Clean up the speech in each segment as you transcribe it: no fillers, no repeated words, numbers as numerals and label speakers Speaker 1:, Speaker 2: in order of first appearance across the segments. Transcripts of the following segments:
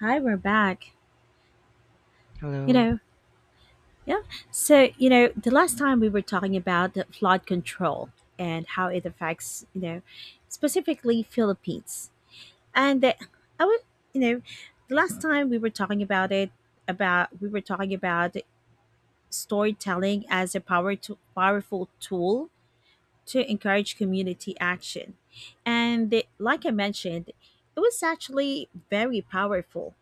Speaker 1: Hi, we're back. You
Speaker 2: Hello.
Speaker 1: know, yeah. So, the last time we were talking about the flood control and how it affects, specifically Philippines. And that I would, you know, The last time we were talking about it, about we were talking about storytelling as a powerful tool to encourage community action. Like I mentioned, it was actually very powerful.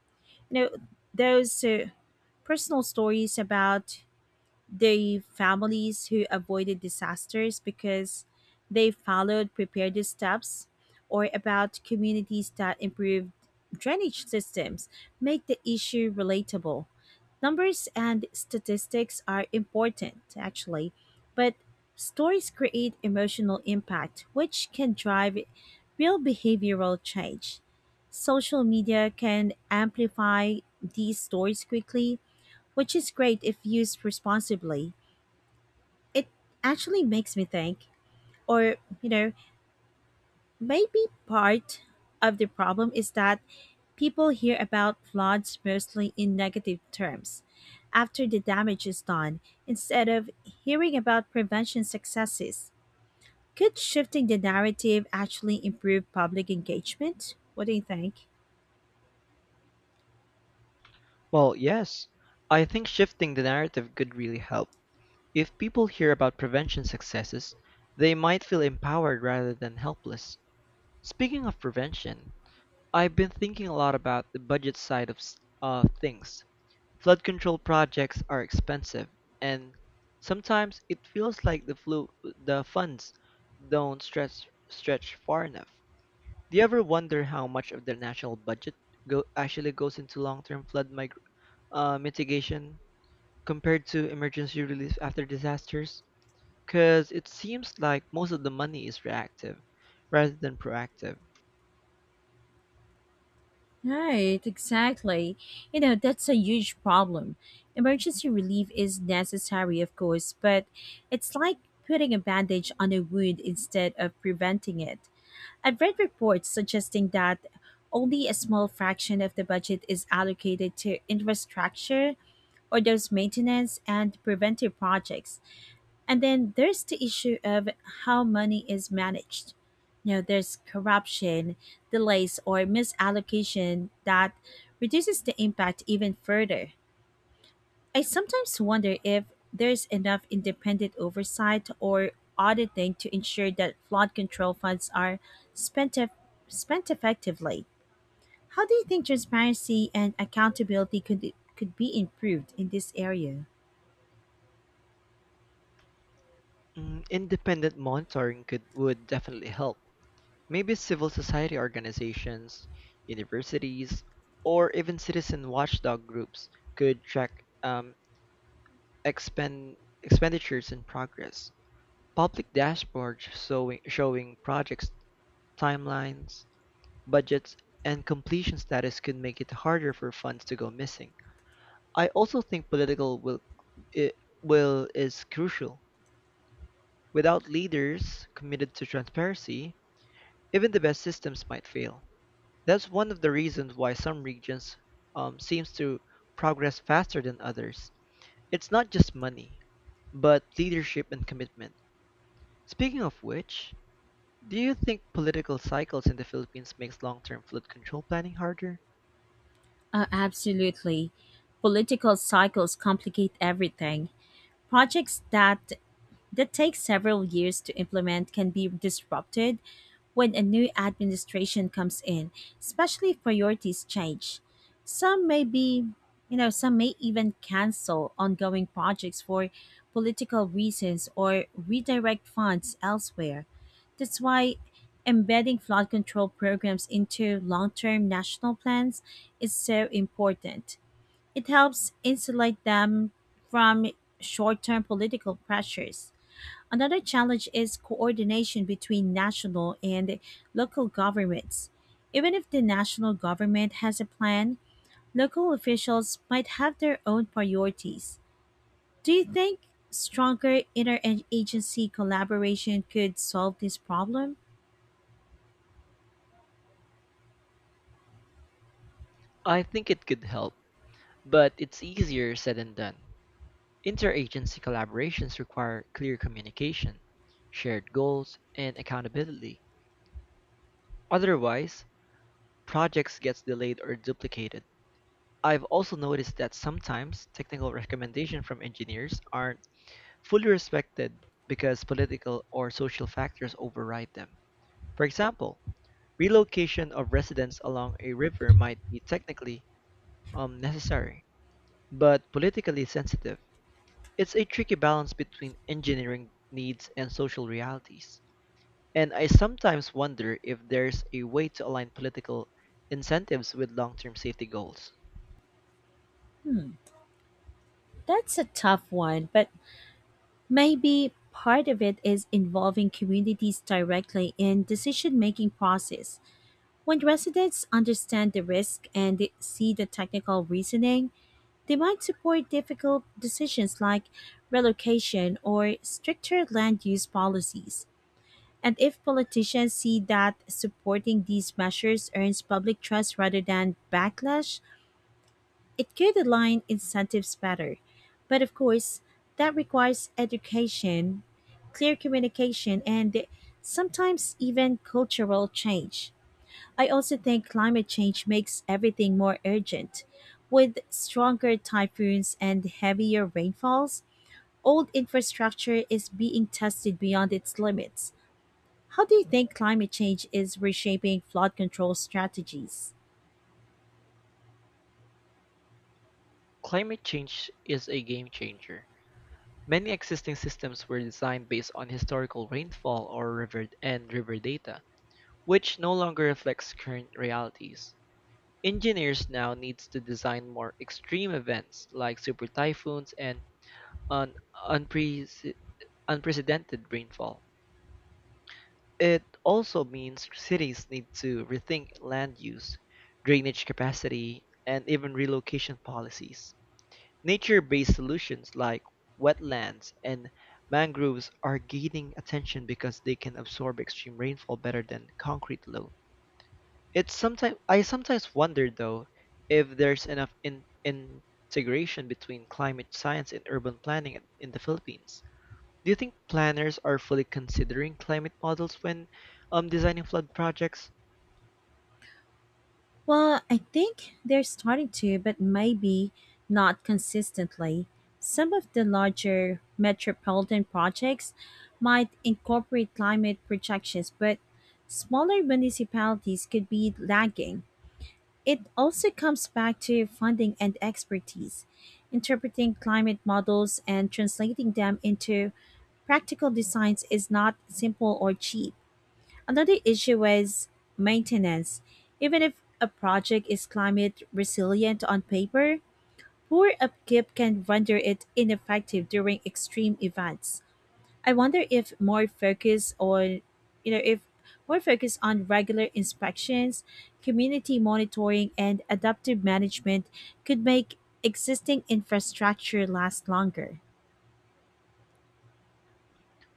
Speaker 1: You know, those personal stories about the families who avoided disasters because they followed preparedness steps, or about communities that improved drainage systems, make the issue relatable. Numbers and statistics are important, actually, but stories create emotional impact, which can drive real behavioral change. Social media can amplify these stories quickly, which is great if used responsibly. It actually makes me think, or maybe part of the problem is that people hear about floods mostly in negative terms after the damage is done instead of hearing about prevention successes. Could shifting the narrative actually improve public engagement? What do you think?
Speaker 2: Well, yes, I think shifting the narrative could really help. If people hear about prevention successes, they might feel empowered rather than helpless. Speaking of prevention, I've been thinking a lot about the budget side of things. Flood control projects are expensive, and sometimes it feels like the funds don't stretch far enough. Do you ever wonder how much of the national budget actually goes into long-term flood mig? Mitigation compared to emergency relief after disasters? Because it seems like most of the money is reactive rather than proactive.
Speaker 1: Right, exactly. That's a huge problem. Emergency relief is necessary, of course, but it's like putting a bandage on a wound instead of preventing it. I've read reports suggesting that only a small fraction of the budget is allocated to infrastructure or those maintenance and preventive projects. And then there's the issue of how money is managed. You know, there's corruption, delays, or misallocation that reduces the impact even further. I sometimes wonder if there's enough independent oversight or auditing to ensure that flood control funds are spent, eff- spent effectively. How do you think transparency and accountability could be improved in this area?
Speaker 2: Independent monitoring could would definitely help. Maybe civil society organizations, universities, or even citizen watchdog groups could track um, expen- expenditures in progress, public dashboards showing projects, timelines, budgets, and completion status could make it harder for funds to go missing. I also think i- will is crucial. Without leaders committed to transparency, even the best systems might fail. That's one of the reasons why some regions seems to progress faster than others. It's not just money, but leadership and commitment. Speaking of which, do you think political cycles in the Philippines makes long-term flood control planning harder?
Speaker 1: Absolutely. Political cycles complicate everything. Projects that takes several years to implement can be disrupted when a new administration comes in, especially if priorities change. Some may be, you know, Some may even cancel ongoing projects for political reasons or redirect funds elsewhere. That's why embedding flood control programs into long term national plans is so important. It helps insulate them from short term political pressures. Another challenge is coordination between national and local governments. Even if the national government has a plan, local officials might have their own priorities. Do you think stronger interagency collaboration could solve this problem?
Speaker 2: I think it could help, but it's easier said than done. Interagency collaborations require clear communication, shared goals, and accountability. Otherwise, projects gets delayed or duplicated. I've also noticed that sometimes technical recommendations from engineers aren't fully respected because political or social factors override them. For example, relocation of residents along a river might be technically necessary, but politically sensitive. It's a tricky balance between engineering needs and social realities. And I sometimes wonder if there's a way to align political incentives with long term safety goals.
Speaker 1: That's a tough one, but maybe part of it is involving communities directly in decision-making process. When residents understand the risk and see the technical reasoning, they might support difficult decisions like relocation or stricter land use policies. And if politicians see that supporting these measures earns public trust rather than backlash, it could align incentives better. But of course, that requires education, clear communication, and sometimes even cultural change. I also think climate change makes everything more urgent. With stronger typhoons and heavier rainfalls, old infrastructure is being tested beyond its limits. How do you think climate change is reshaping flood control strategies?
Speaker 2: Climate change is a game changer. Many existing systems were designed based on historical rainfall or river data, which no longer reflects current realities. Engineers now need to design more extreme events like super typhoons and an unprece- unprecedented rainfall. It also means cities need to rethink land use, drainage capacity, and even relocation policies. Nature-based solutions like wetlands and mangroves are gaining attention because they can absorb extreme rainfall better than concrete alone. It's sometimes I sometimes wonder though if there's enough integration between climate science and urban planning in the Philippines. Do you think planners are fully considering climate models when designing flood projects?
Speaker 1: Well, I think they're starting to, but maybe not consistently. Some of the larger metropolitan projects might incorporate climate projections, but smaller municipalities could be lagging. It also comes back to funding and expertise. Interpreting climate models and translating them into practical designs is not simple or cheap. Another issue is maintenance. Even if a project is climate resilient on paper, poor upkeep can render it ineffective during extreme events. I wonder if more focus on you know if more focus on regular inspections, community monitoring and adaptive management could make existing infrastructure last longer.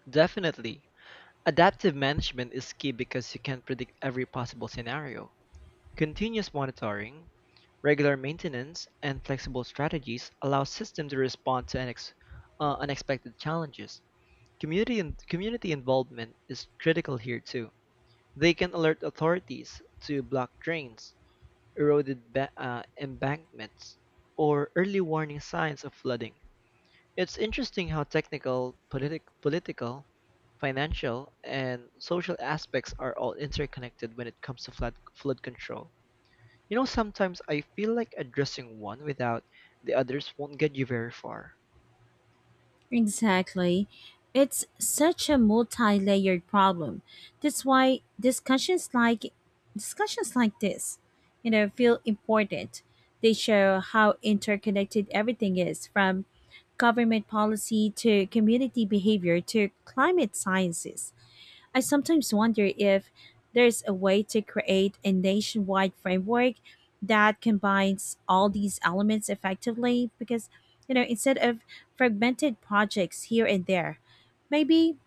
Speaker 2: Definitely. Adaptive management is key because you can't predict every possible scenario. Continuous monitoring, regular maintenance, and flexible strategies allow systems to respond to unexpected challenges. Community involvement is critical here too. They can alert authorities to blocked drains, embankments, or early warning signs of flooding. It's interesting how political, financial, and social aspects are all interconnected when it comes to flood control. You know, sometimes I feel like addressing one without the others won't get you very far.
Speaker 1: Exactly. It's such a multi-layered problem. That's why discussions like this, you know, feel important. They show how interconnected everything is, from government policy to community behavior to climate sciences. I sometimes wonder if there's a way to create a nationwide framework that combines all these elements effectively, because, instead of fragmented projects here and there, maybe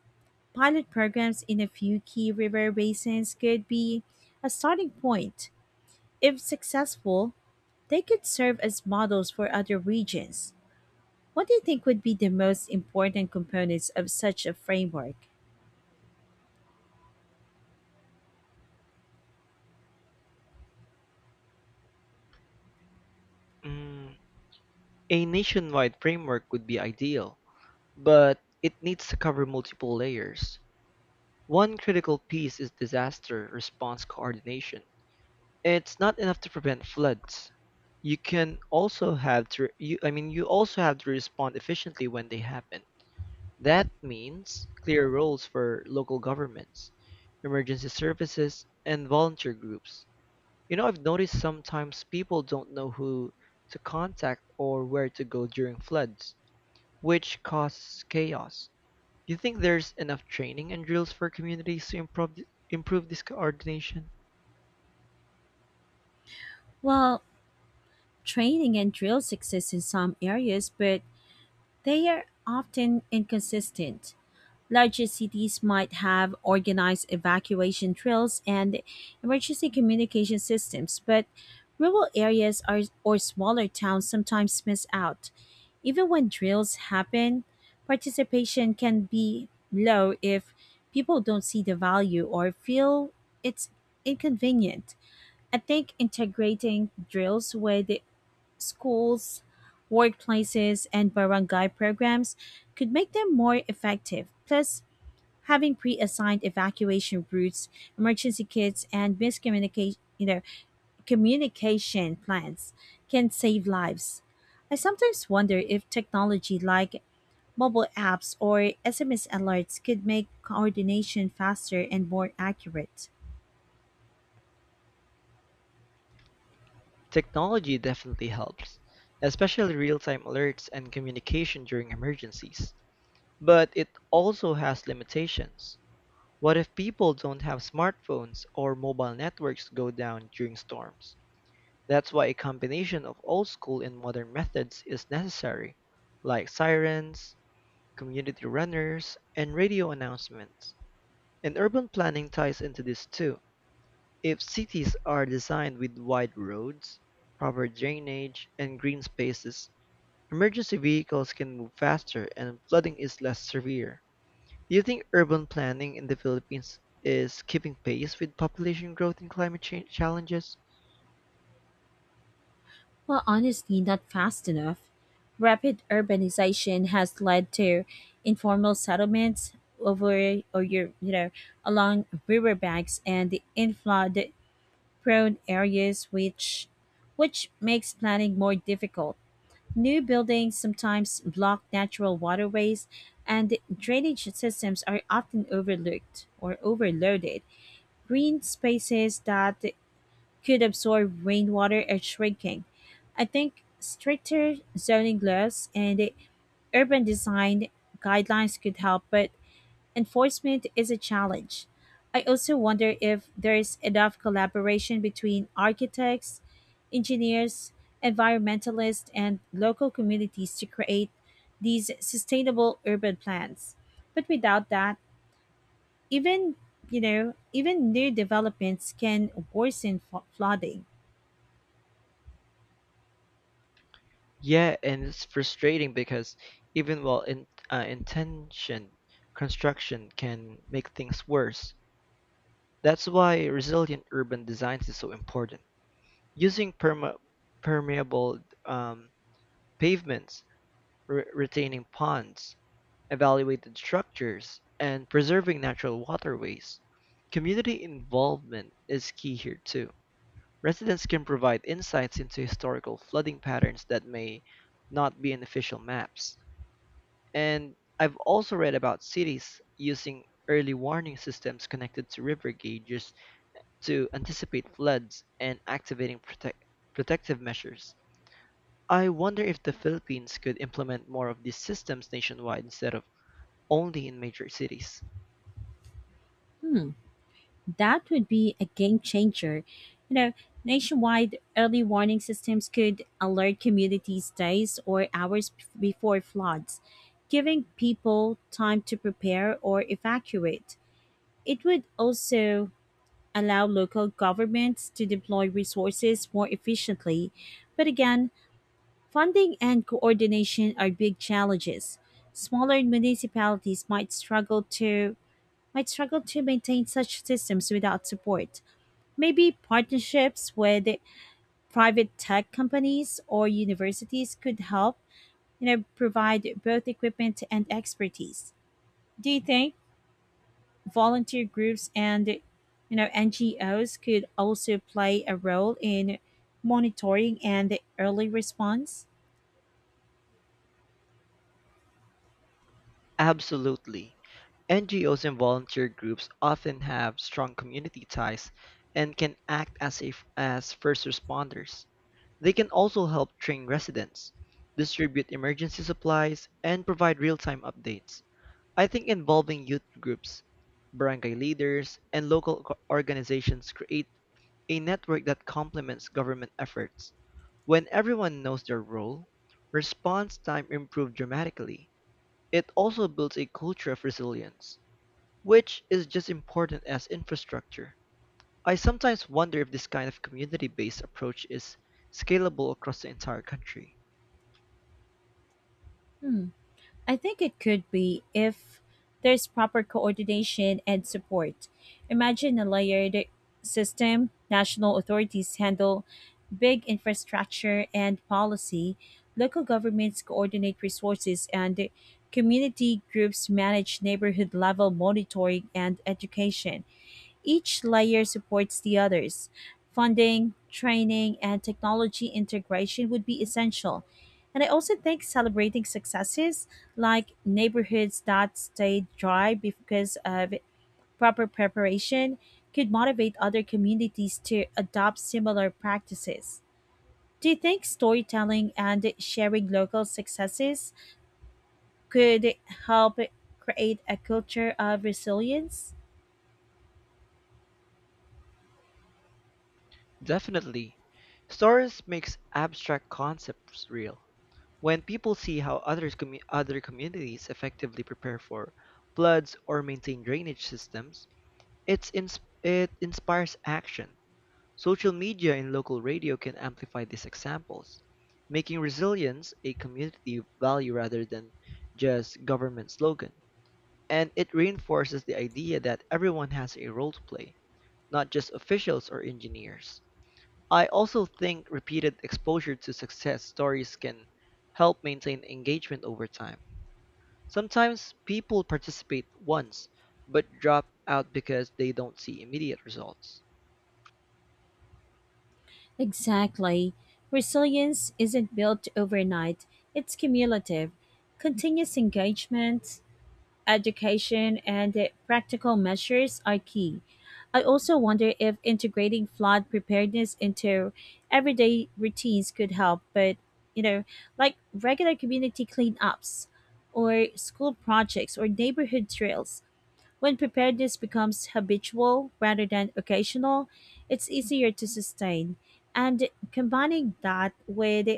Speaker 1: pilot programs in a few key river basins could be a starting point. If successful, they could serve as models for other regions. What do you think would be the most important components of such a framework?
Speaker 2: Mm, a nationwide framework would be ideal, but it needs to cover multiple layers. One critical piece is disaster response coordination. It's not enough to prevent floods. You can also have to you, I mean you also have to respond efficiently when they happen. That means clear roles for local governments, emergency services, and volunteer groups. You know, I've noticed sometimes people don't know who to contact or where to go during floods, which causes chaos. Do you think there's enough training and drills for communities to improve this coordination?
Speaker 1: Well, training and drills exist in some areas, but they are often inconsistent. Larger cities might have organized evacuation drills and emergency communication systems, but rural areas are, or smaller towns sometimes miss out. Even when drills happen, participation can be low if people don't see the value or feel it's inconvenient. I think integrating drills with schools, workplaces, and barangay programs could make them more effective. Plus, having pre-assigned evacuation routes, emergency kits, and communication plans can save lives. I sometimes wonder if technology like mobile apps or SMS alerts could make coordination faster and more accurate.
Speaker 2: Technology definitely helps, especially real time alerts and communication during emergencies, but it also has limitations. What if people don't have smartphones or mobile networks go down during storms? That's why a combination of old school and modern methods is necessary, like sirens, community runners, and radio announcements. And urban planning ties into this too. If cities are designed with wide roads, proper drainage, and green spaces, emergency vehicles can move faster and flooding is less severe. Do you think urban planning in the Philippines is keeping pace with population growth and climate change challenges?
Speaker 1: Well, honestly, not fast enough. Rapid urbanization has led to informal settlements over or your you know along riverbanks and the in flood prone areas, which makes planning more difficult. New buildings sometimes block natural waterways, and drainage systems are often overlooked or overloaded. Green spaces that could absorb rainwater are shrinking. I think stricter zoning laws and urban design guidelines could help, but enforcement is a challenge. I also wonder if there's enough collaboration between architects, engineers, environmentalists, and local communities to create these sustainable urban plans. But without that, even even new developments can worsen flooding.
Speaker 2: Yeah, and it's frustrating because even intention construction can make things worse. That's why resilient urban designs is so important. Using permeable um, pavements, retaining ponds, evaluated structures, and preserving natural waterways. Community involvement is key here too. Residents can provide insights into historical flooding patterns that may not be in official maps. And I've also read about cities using early warning systems connected to river gauges to anticipate floods and activating protective measures. I wonder if the Philippines could implement more of these systems nationwide instead of only in major cities.
Speaker 1: That would be a game changer. You know, nationwide early warning systems could alert communities days or hours before floods, giving people time to prepare or evacuate. It would also allow local governments to deploy resources more efficiently. But again, funding and coordination are big challenges. Smaller municipalities might struggle to maintain such systems without support. Maybe partnerships with private tech companies or universities could help, you know, provide both equipment and expertise. Do you think volunteer groups and NGOs could also play a role in monitoring and early response?
Speaker 2: Absolutely. NGOs and volunteer groups often have strong community ties and can act as first responders. They can also help train residents, distribute emergency supplies, and provide real time updates. I think involving youth groups, barangay leaders, and organizations create a network that complements government efforts. When everyone knows their role, response time improves dramatically. It also builds a culture of resilience which is just important as infrastructure. I sometimes wonder if this kind of community-based approach is scalable across the entire country.
Speaker 1: Hmm. I think it could be if there's proper coordination and support. Imagine a layered system. National authorities handle big infrastructure and policy, local governments coordinate resources, and community groups manage neighborhood level monitoring and education. Each layer supports the others. Funding, training, and technology integration would be essential. And I also think celebrating successes, like neighborhoods that stayed dry because of proper preparation, could motivate other communities to adopt similar practices. Do you think storytelling and sharing local successes could help create a culture of resilience?
Speaker 2: Definitely, stories makes abstract concepts real. When people see how other communities effectively prepare for floods or maintain drainage systems, it inspires action. Social media and local radio can amplify these examples, making resilience a community value rather than just government slogan. And it reinforces the idea that everyone has a role to play, not just officials or engineers. I also think repeated exposure to success stories can help maintain engagement over time. Sometimes people participate once but drop out because they don't see immediate results.
Speaker 1: Exactly. Resilience isn't built overnight, it's cumulative. Continuous engagement, education and the practical measures are key. I also wonder if integrating flood preparedness into everyday routines could help, you know, like regular community cleanups or school projects or neighborhood trails. When preparedness becomes habitual rather than occasional, it's easier to sustain. And combining that with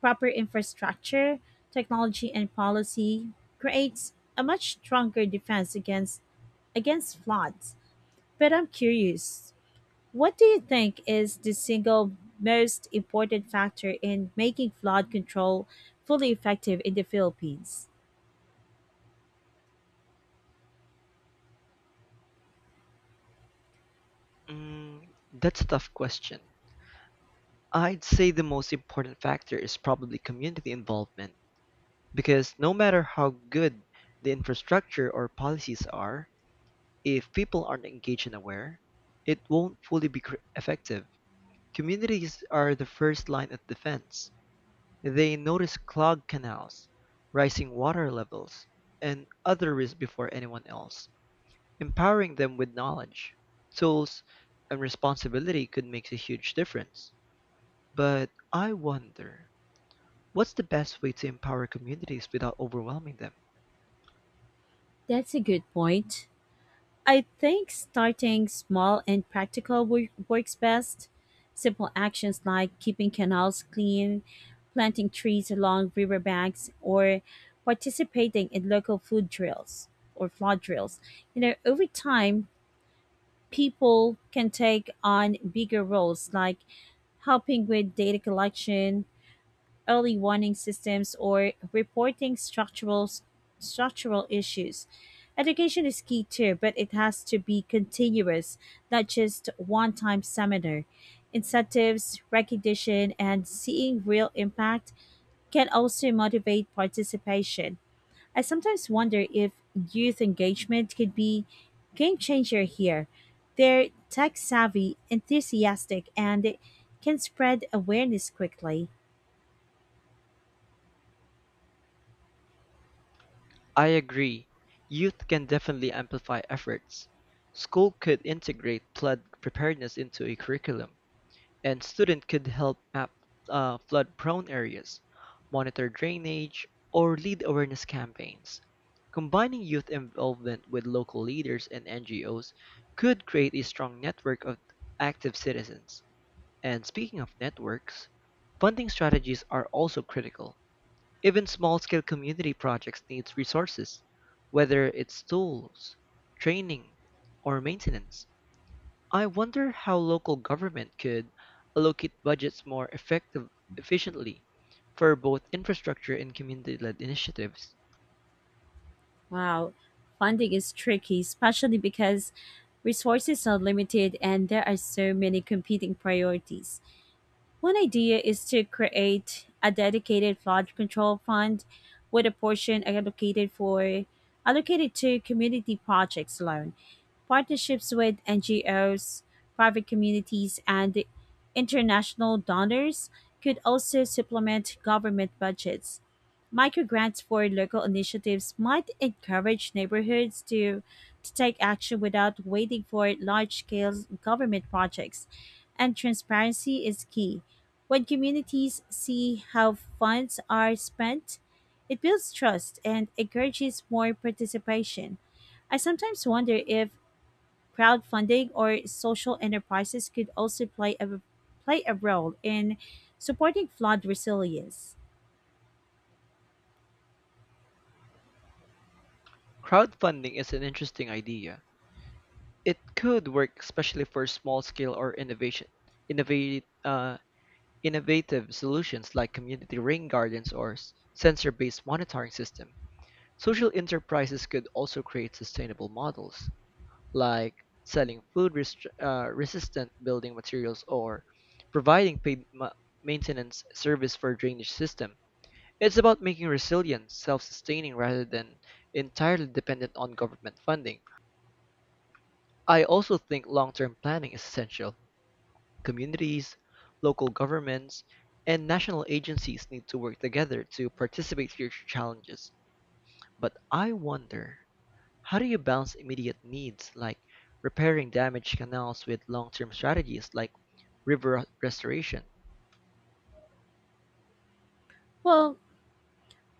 Speaker 1: proper infrastructure, technology, and policy creates a much stronger defense against floods. But I'm curious, what do you think is the single most important factor in making flood control fully effective in the Philippines?
Speaker 2: That's a tough question. I'd say the most important factor is probably community involvement, because no matter how good the infrastructure or policies are, if people aren't engaged and aware, it won't fully be effective. Communities are the first line of defense. They notice clogged canals, rising water levels, and other risks before anyone else. Empowering them with knowledge, tools, and responsibility could make a huge difference. But I wonder, what's the best way to empower communities without overwhelming them?
Speaker 1: That's a good point. I think starting small and practical works best. Simple actions like keeping canals clean, planting trees along riverbanks, or participating in local food drills or flood drills. You know, over time, people can take on bigger roles like helping with data collection, early warning systems, or reporting structural issues. Education is key too, but it has to be continuous, not just one time seminar. Incentives, recognition, and seeing real impact can also motivate participation. I sometimes wonder if youth engagement could be game changer here. They're tech savvy, enthusiastic, and can spread awareness quickly.
Speaker 2: I agree. Youth can definitely amplify efforts. School could integrate flood preparedness into a curriculum, and students could help map flood-prone areas, monitor drainage, or lead awareness campaigns. Combining youth involvement with local leaders and NGOs could create a strong network of active citizens. And speaking of networks, funding strategies are also critical. Even small-scale community projects need resources, whether it's tools, training, or maintenance. I wonder how local government could allocate budgets efficiently for both infrastructure and community-led initiatives.
Speaker 1: Wow, funding is tricky, especially because resources are limited and there are so many competing priorities. One idea is to create a dedicated flood control fund with a portion allocated to community projects alone. Partnerships with NGOs, private communities and international donors could also supplement government budgets. Microgrants for local initiatives might encourage neighborhoods to take action without waiting for large scale government projects, and transparency is key. When communities see how funds are spent, it builds trust and encourages more participation. I sometimes wonder if crowdfunding or social enterprises could also play a role in supporting flood resilience.
Speaker 2: Crowdfunding is an interesting idea. It could work especially for small-scale or innovation, innovate, innovative solutions like community rain gardens or sensor-based monitoring system. Social enterprises could also create sustainable models like selling resistant building materials or providing maintenance service for drainage system. It's about making resilient, self-sustaining rather than entirely dependent on government funding. I also think long-term planning is essential. Communities, local governments, and national agencies need to work together to participate future challenges. But I wonder, how do you balance immediate needs like repairing damaged canals with long term strategies like river restoration?
Speaker 1: Well,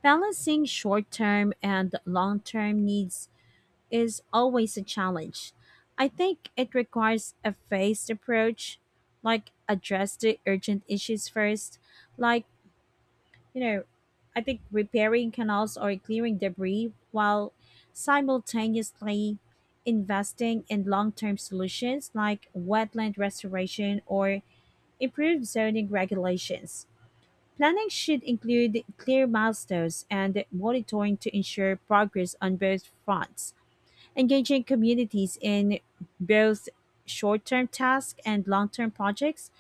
Speaker 1: balancing short term and long term needs is always a challenge. I think it requires a phased approach, like address the urgent issues first, like, you know, I think repairing canals or clearing debris while simultaneously investing in long term solutions like wetland restoration or improved zoning regulations. Planning should include clear milestones and monitoring to ensure progress on both fronts. Engaging communities in both short term tasks and long term projects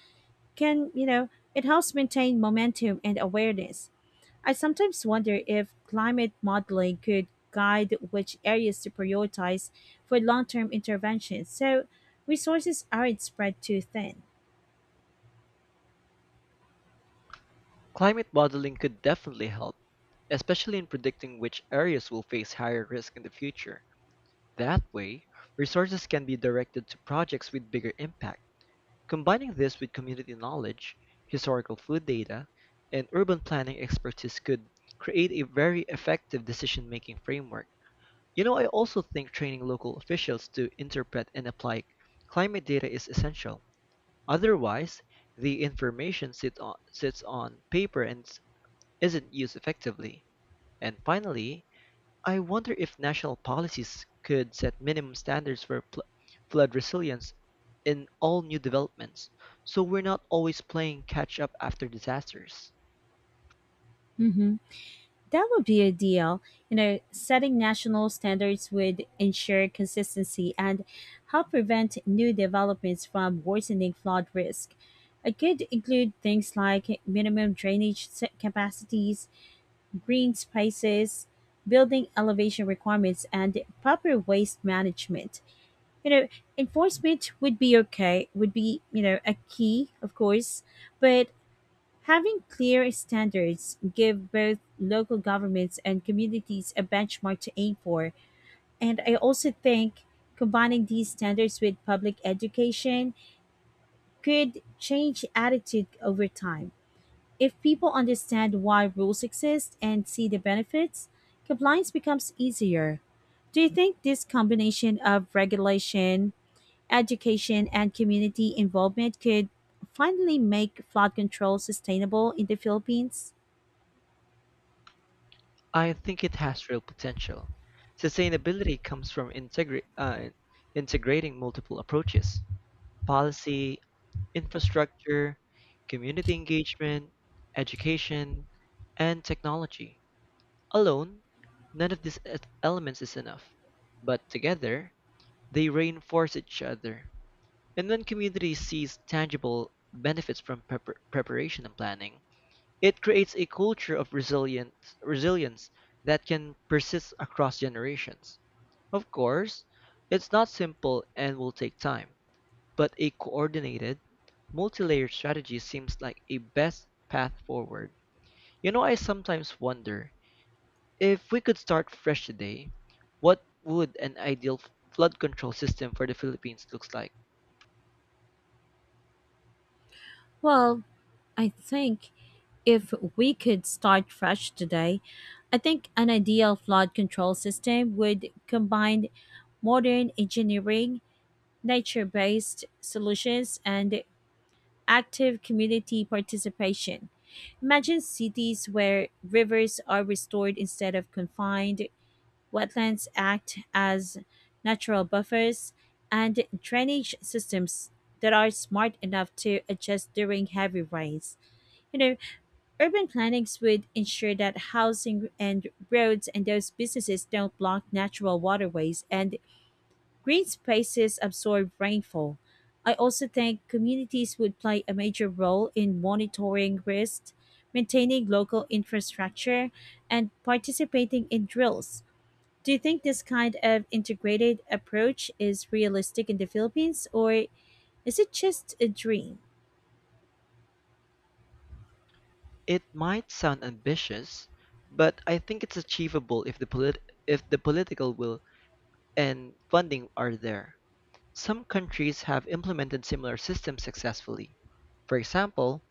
Speaker 1: can, you know, it helps maintain momentum and awareness. I sometimes wonder if climate modeling could guide which areas to prioritize for long term interventions so resources aren't spread too thin.
Speaker 2: Climate modeling could definitely help, especially in predicting which areas will face higher risk in the future. That way, resources can be directed to projects with bigger impact. Combining this with community knowledge, historical food data, and urban planning expertise could create a very effective decision making framework. You know, I also think training local officials to interpret and apply climate data is essential. Otherwise, the sits on paper and isn't used effectively. And finally, I wonder if national policies could set minimum standards for flood resilience in all new developments, so we're not always playing catch up after disasters.
Speaker 1: Hmm. That would be ideal. You know, setting national standards would ensure consistency and help prevent new developments from worsening flood risk. It could include things like minimum drainage capacities, green spaces, building elevation requirements, and proper waste management. You know, enforcement would be, you know, a key, of course, but having clear standards give both local governments and communities a benchmark to aim for. And I also think combining these standards with public education could change attitude over time. If people understand why rules exist and see the benefits, compliance becomes easier. Do you think this combination of regulation, education, and community involvement could finally make flood control sustainable in the Philippines?
Speaker 2: I think it has real potential. Sustainability comes from integrating multiple approaches: policy, infrastructure, community engagement, education, and technology. Alone, none of these elements is enough, but together, they reinforce each other. And when community sees tangible benefits from preparation and planning, it creates a culture of resilience that can persist across generations. Of course, it's not simple and will take time, but a coordinated, multi-layered strategy seems like a best path forward. You know, I sometimes wonder if we could start fresh today, what would an ideal flood control system for the Philippines looks like?
Speaker 1: Well, I think if we could start fresh today, I think an ideal flood control system would combine modern engineering, nature based solutions, and active community participation. Imagine cities where rivers are restored instead of confined, wetlands act as natural buffers, and drainage systems that are smart enough to adjust during heavy rains. You know, urban plannings would ensure that housing and roads and those businesses don't block natural waterways, and green spaces absorb rainfall. I also think communities would play a major role in monitoring risks, maintaining local infrastructure, and participating in drills. Do you think this kind of integrated approach is realistic in the Philippines, or is it just a dream?
Speaker 2: It might sound ambitious, but I think it's achievable if if the political will and funding are there. Some countries have implemented similar systems successfully. For example,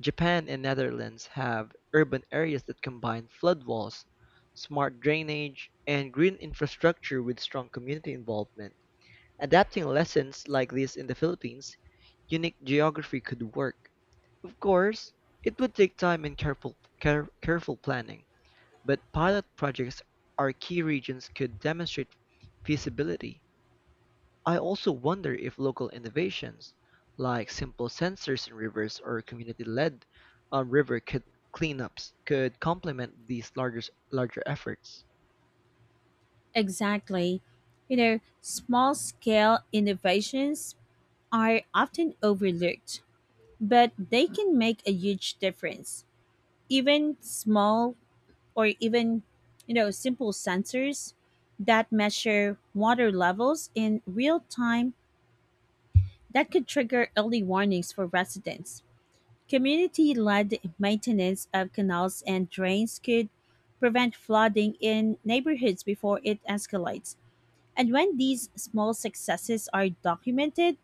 Speaker 2: Japan and Netherlands have urban areas that combine flood walls, smart drainage, and green infrastructure with strong community involvement. Adapting lessons like this in the Philippines, unique geography could work. Of course, it would take time and careful planning, but pilot projects are key regions could demonstrate feasibility. I also wonder if local innovations, like simple sensors in rivers or uh, river clean- cleanups, could complement these larger efforts.
Speaker 1: Exactly. You know, small scale innovations are often overlooked, but they can make a huge difference. Even small or Even, you know, simple sensors that measure water levels in real time that could trigger early warnings for residents. Community led maintenance of canals and drains could prevent flooding in neighborhoods before it escalates. And when these small successes are documented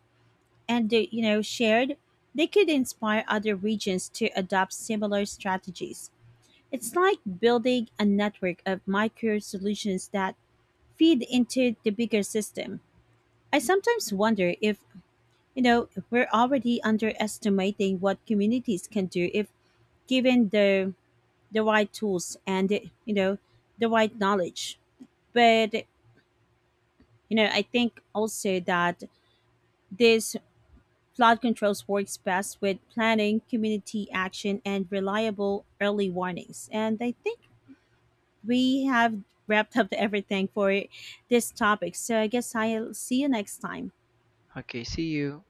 Speaker 1: and shared, they could inspire other regions to adopt similar strategies. It's like building a network of micro solutions that feed into the bigger system. I sometimes wonder if, you know, we're already underestimating what communities can do if given the right tools and, you know, the right knowledge. But, you know, I think also that this flood controls works best with planning, community action and reliable early warnings. And I think we have wrapped up everything for this topic. So I guess I'll see you next time.
Speaker 2: Okay, see you.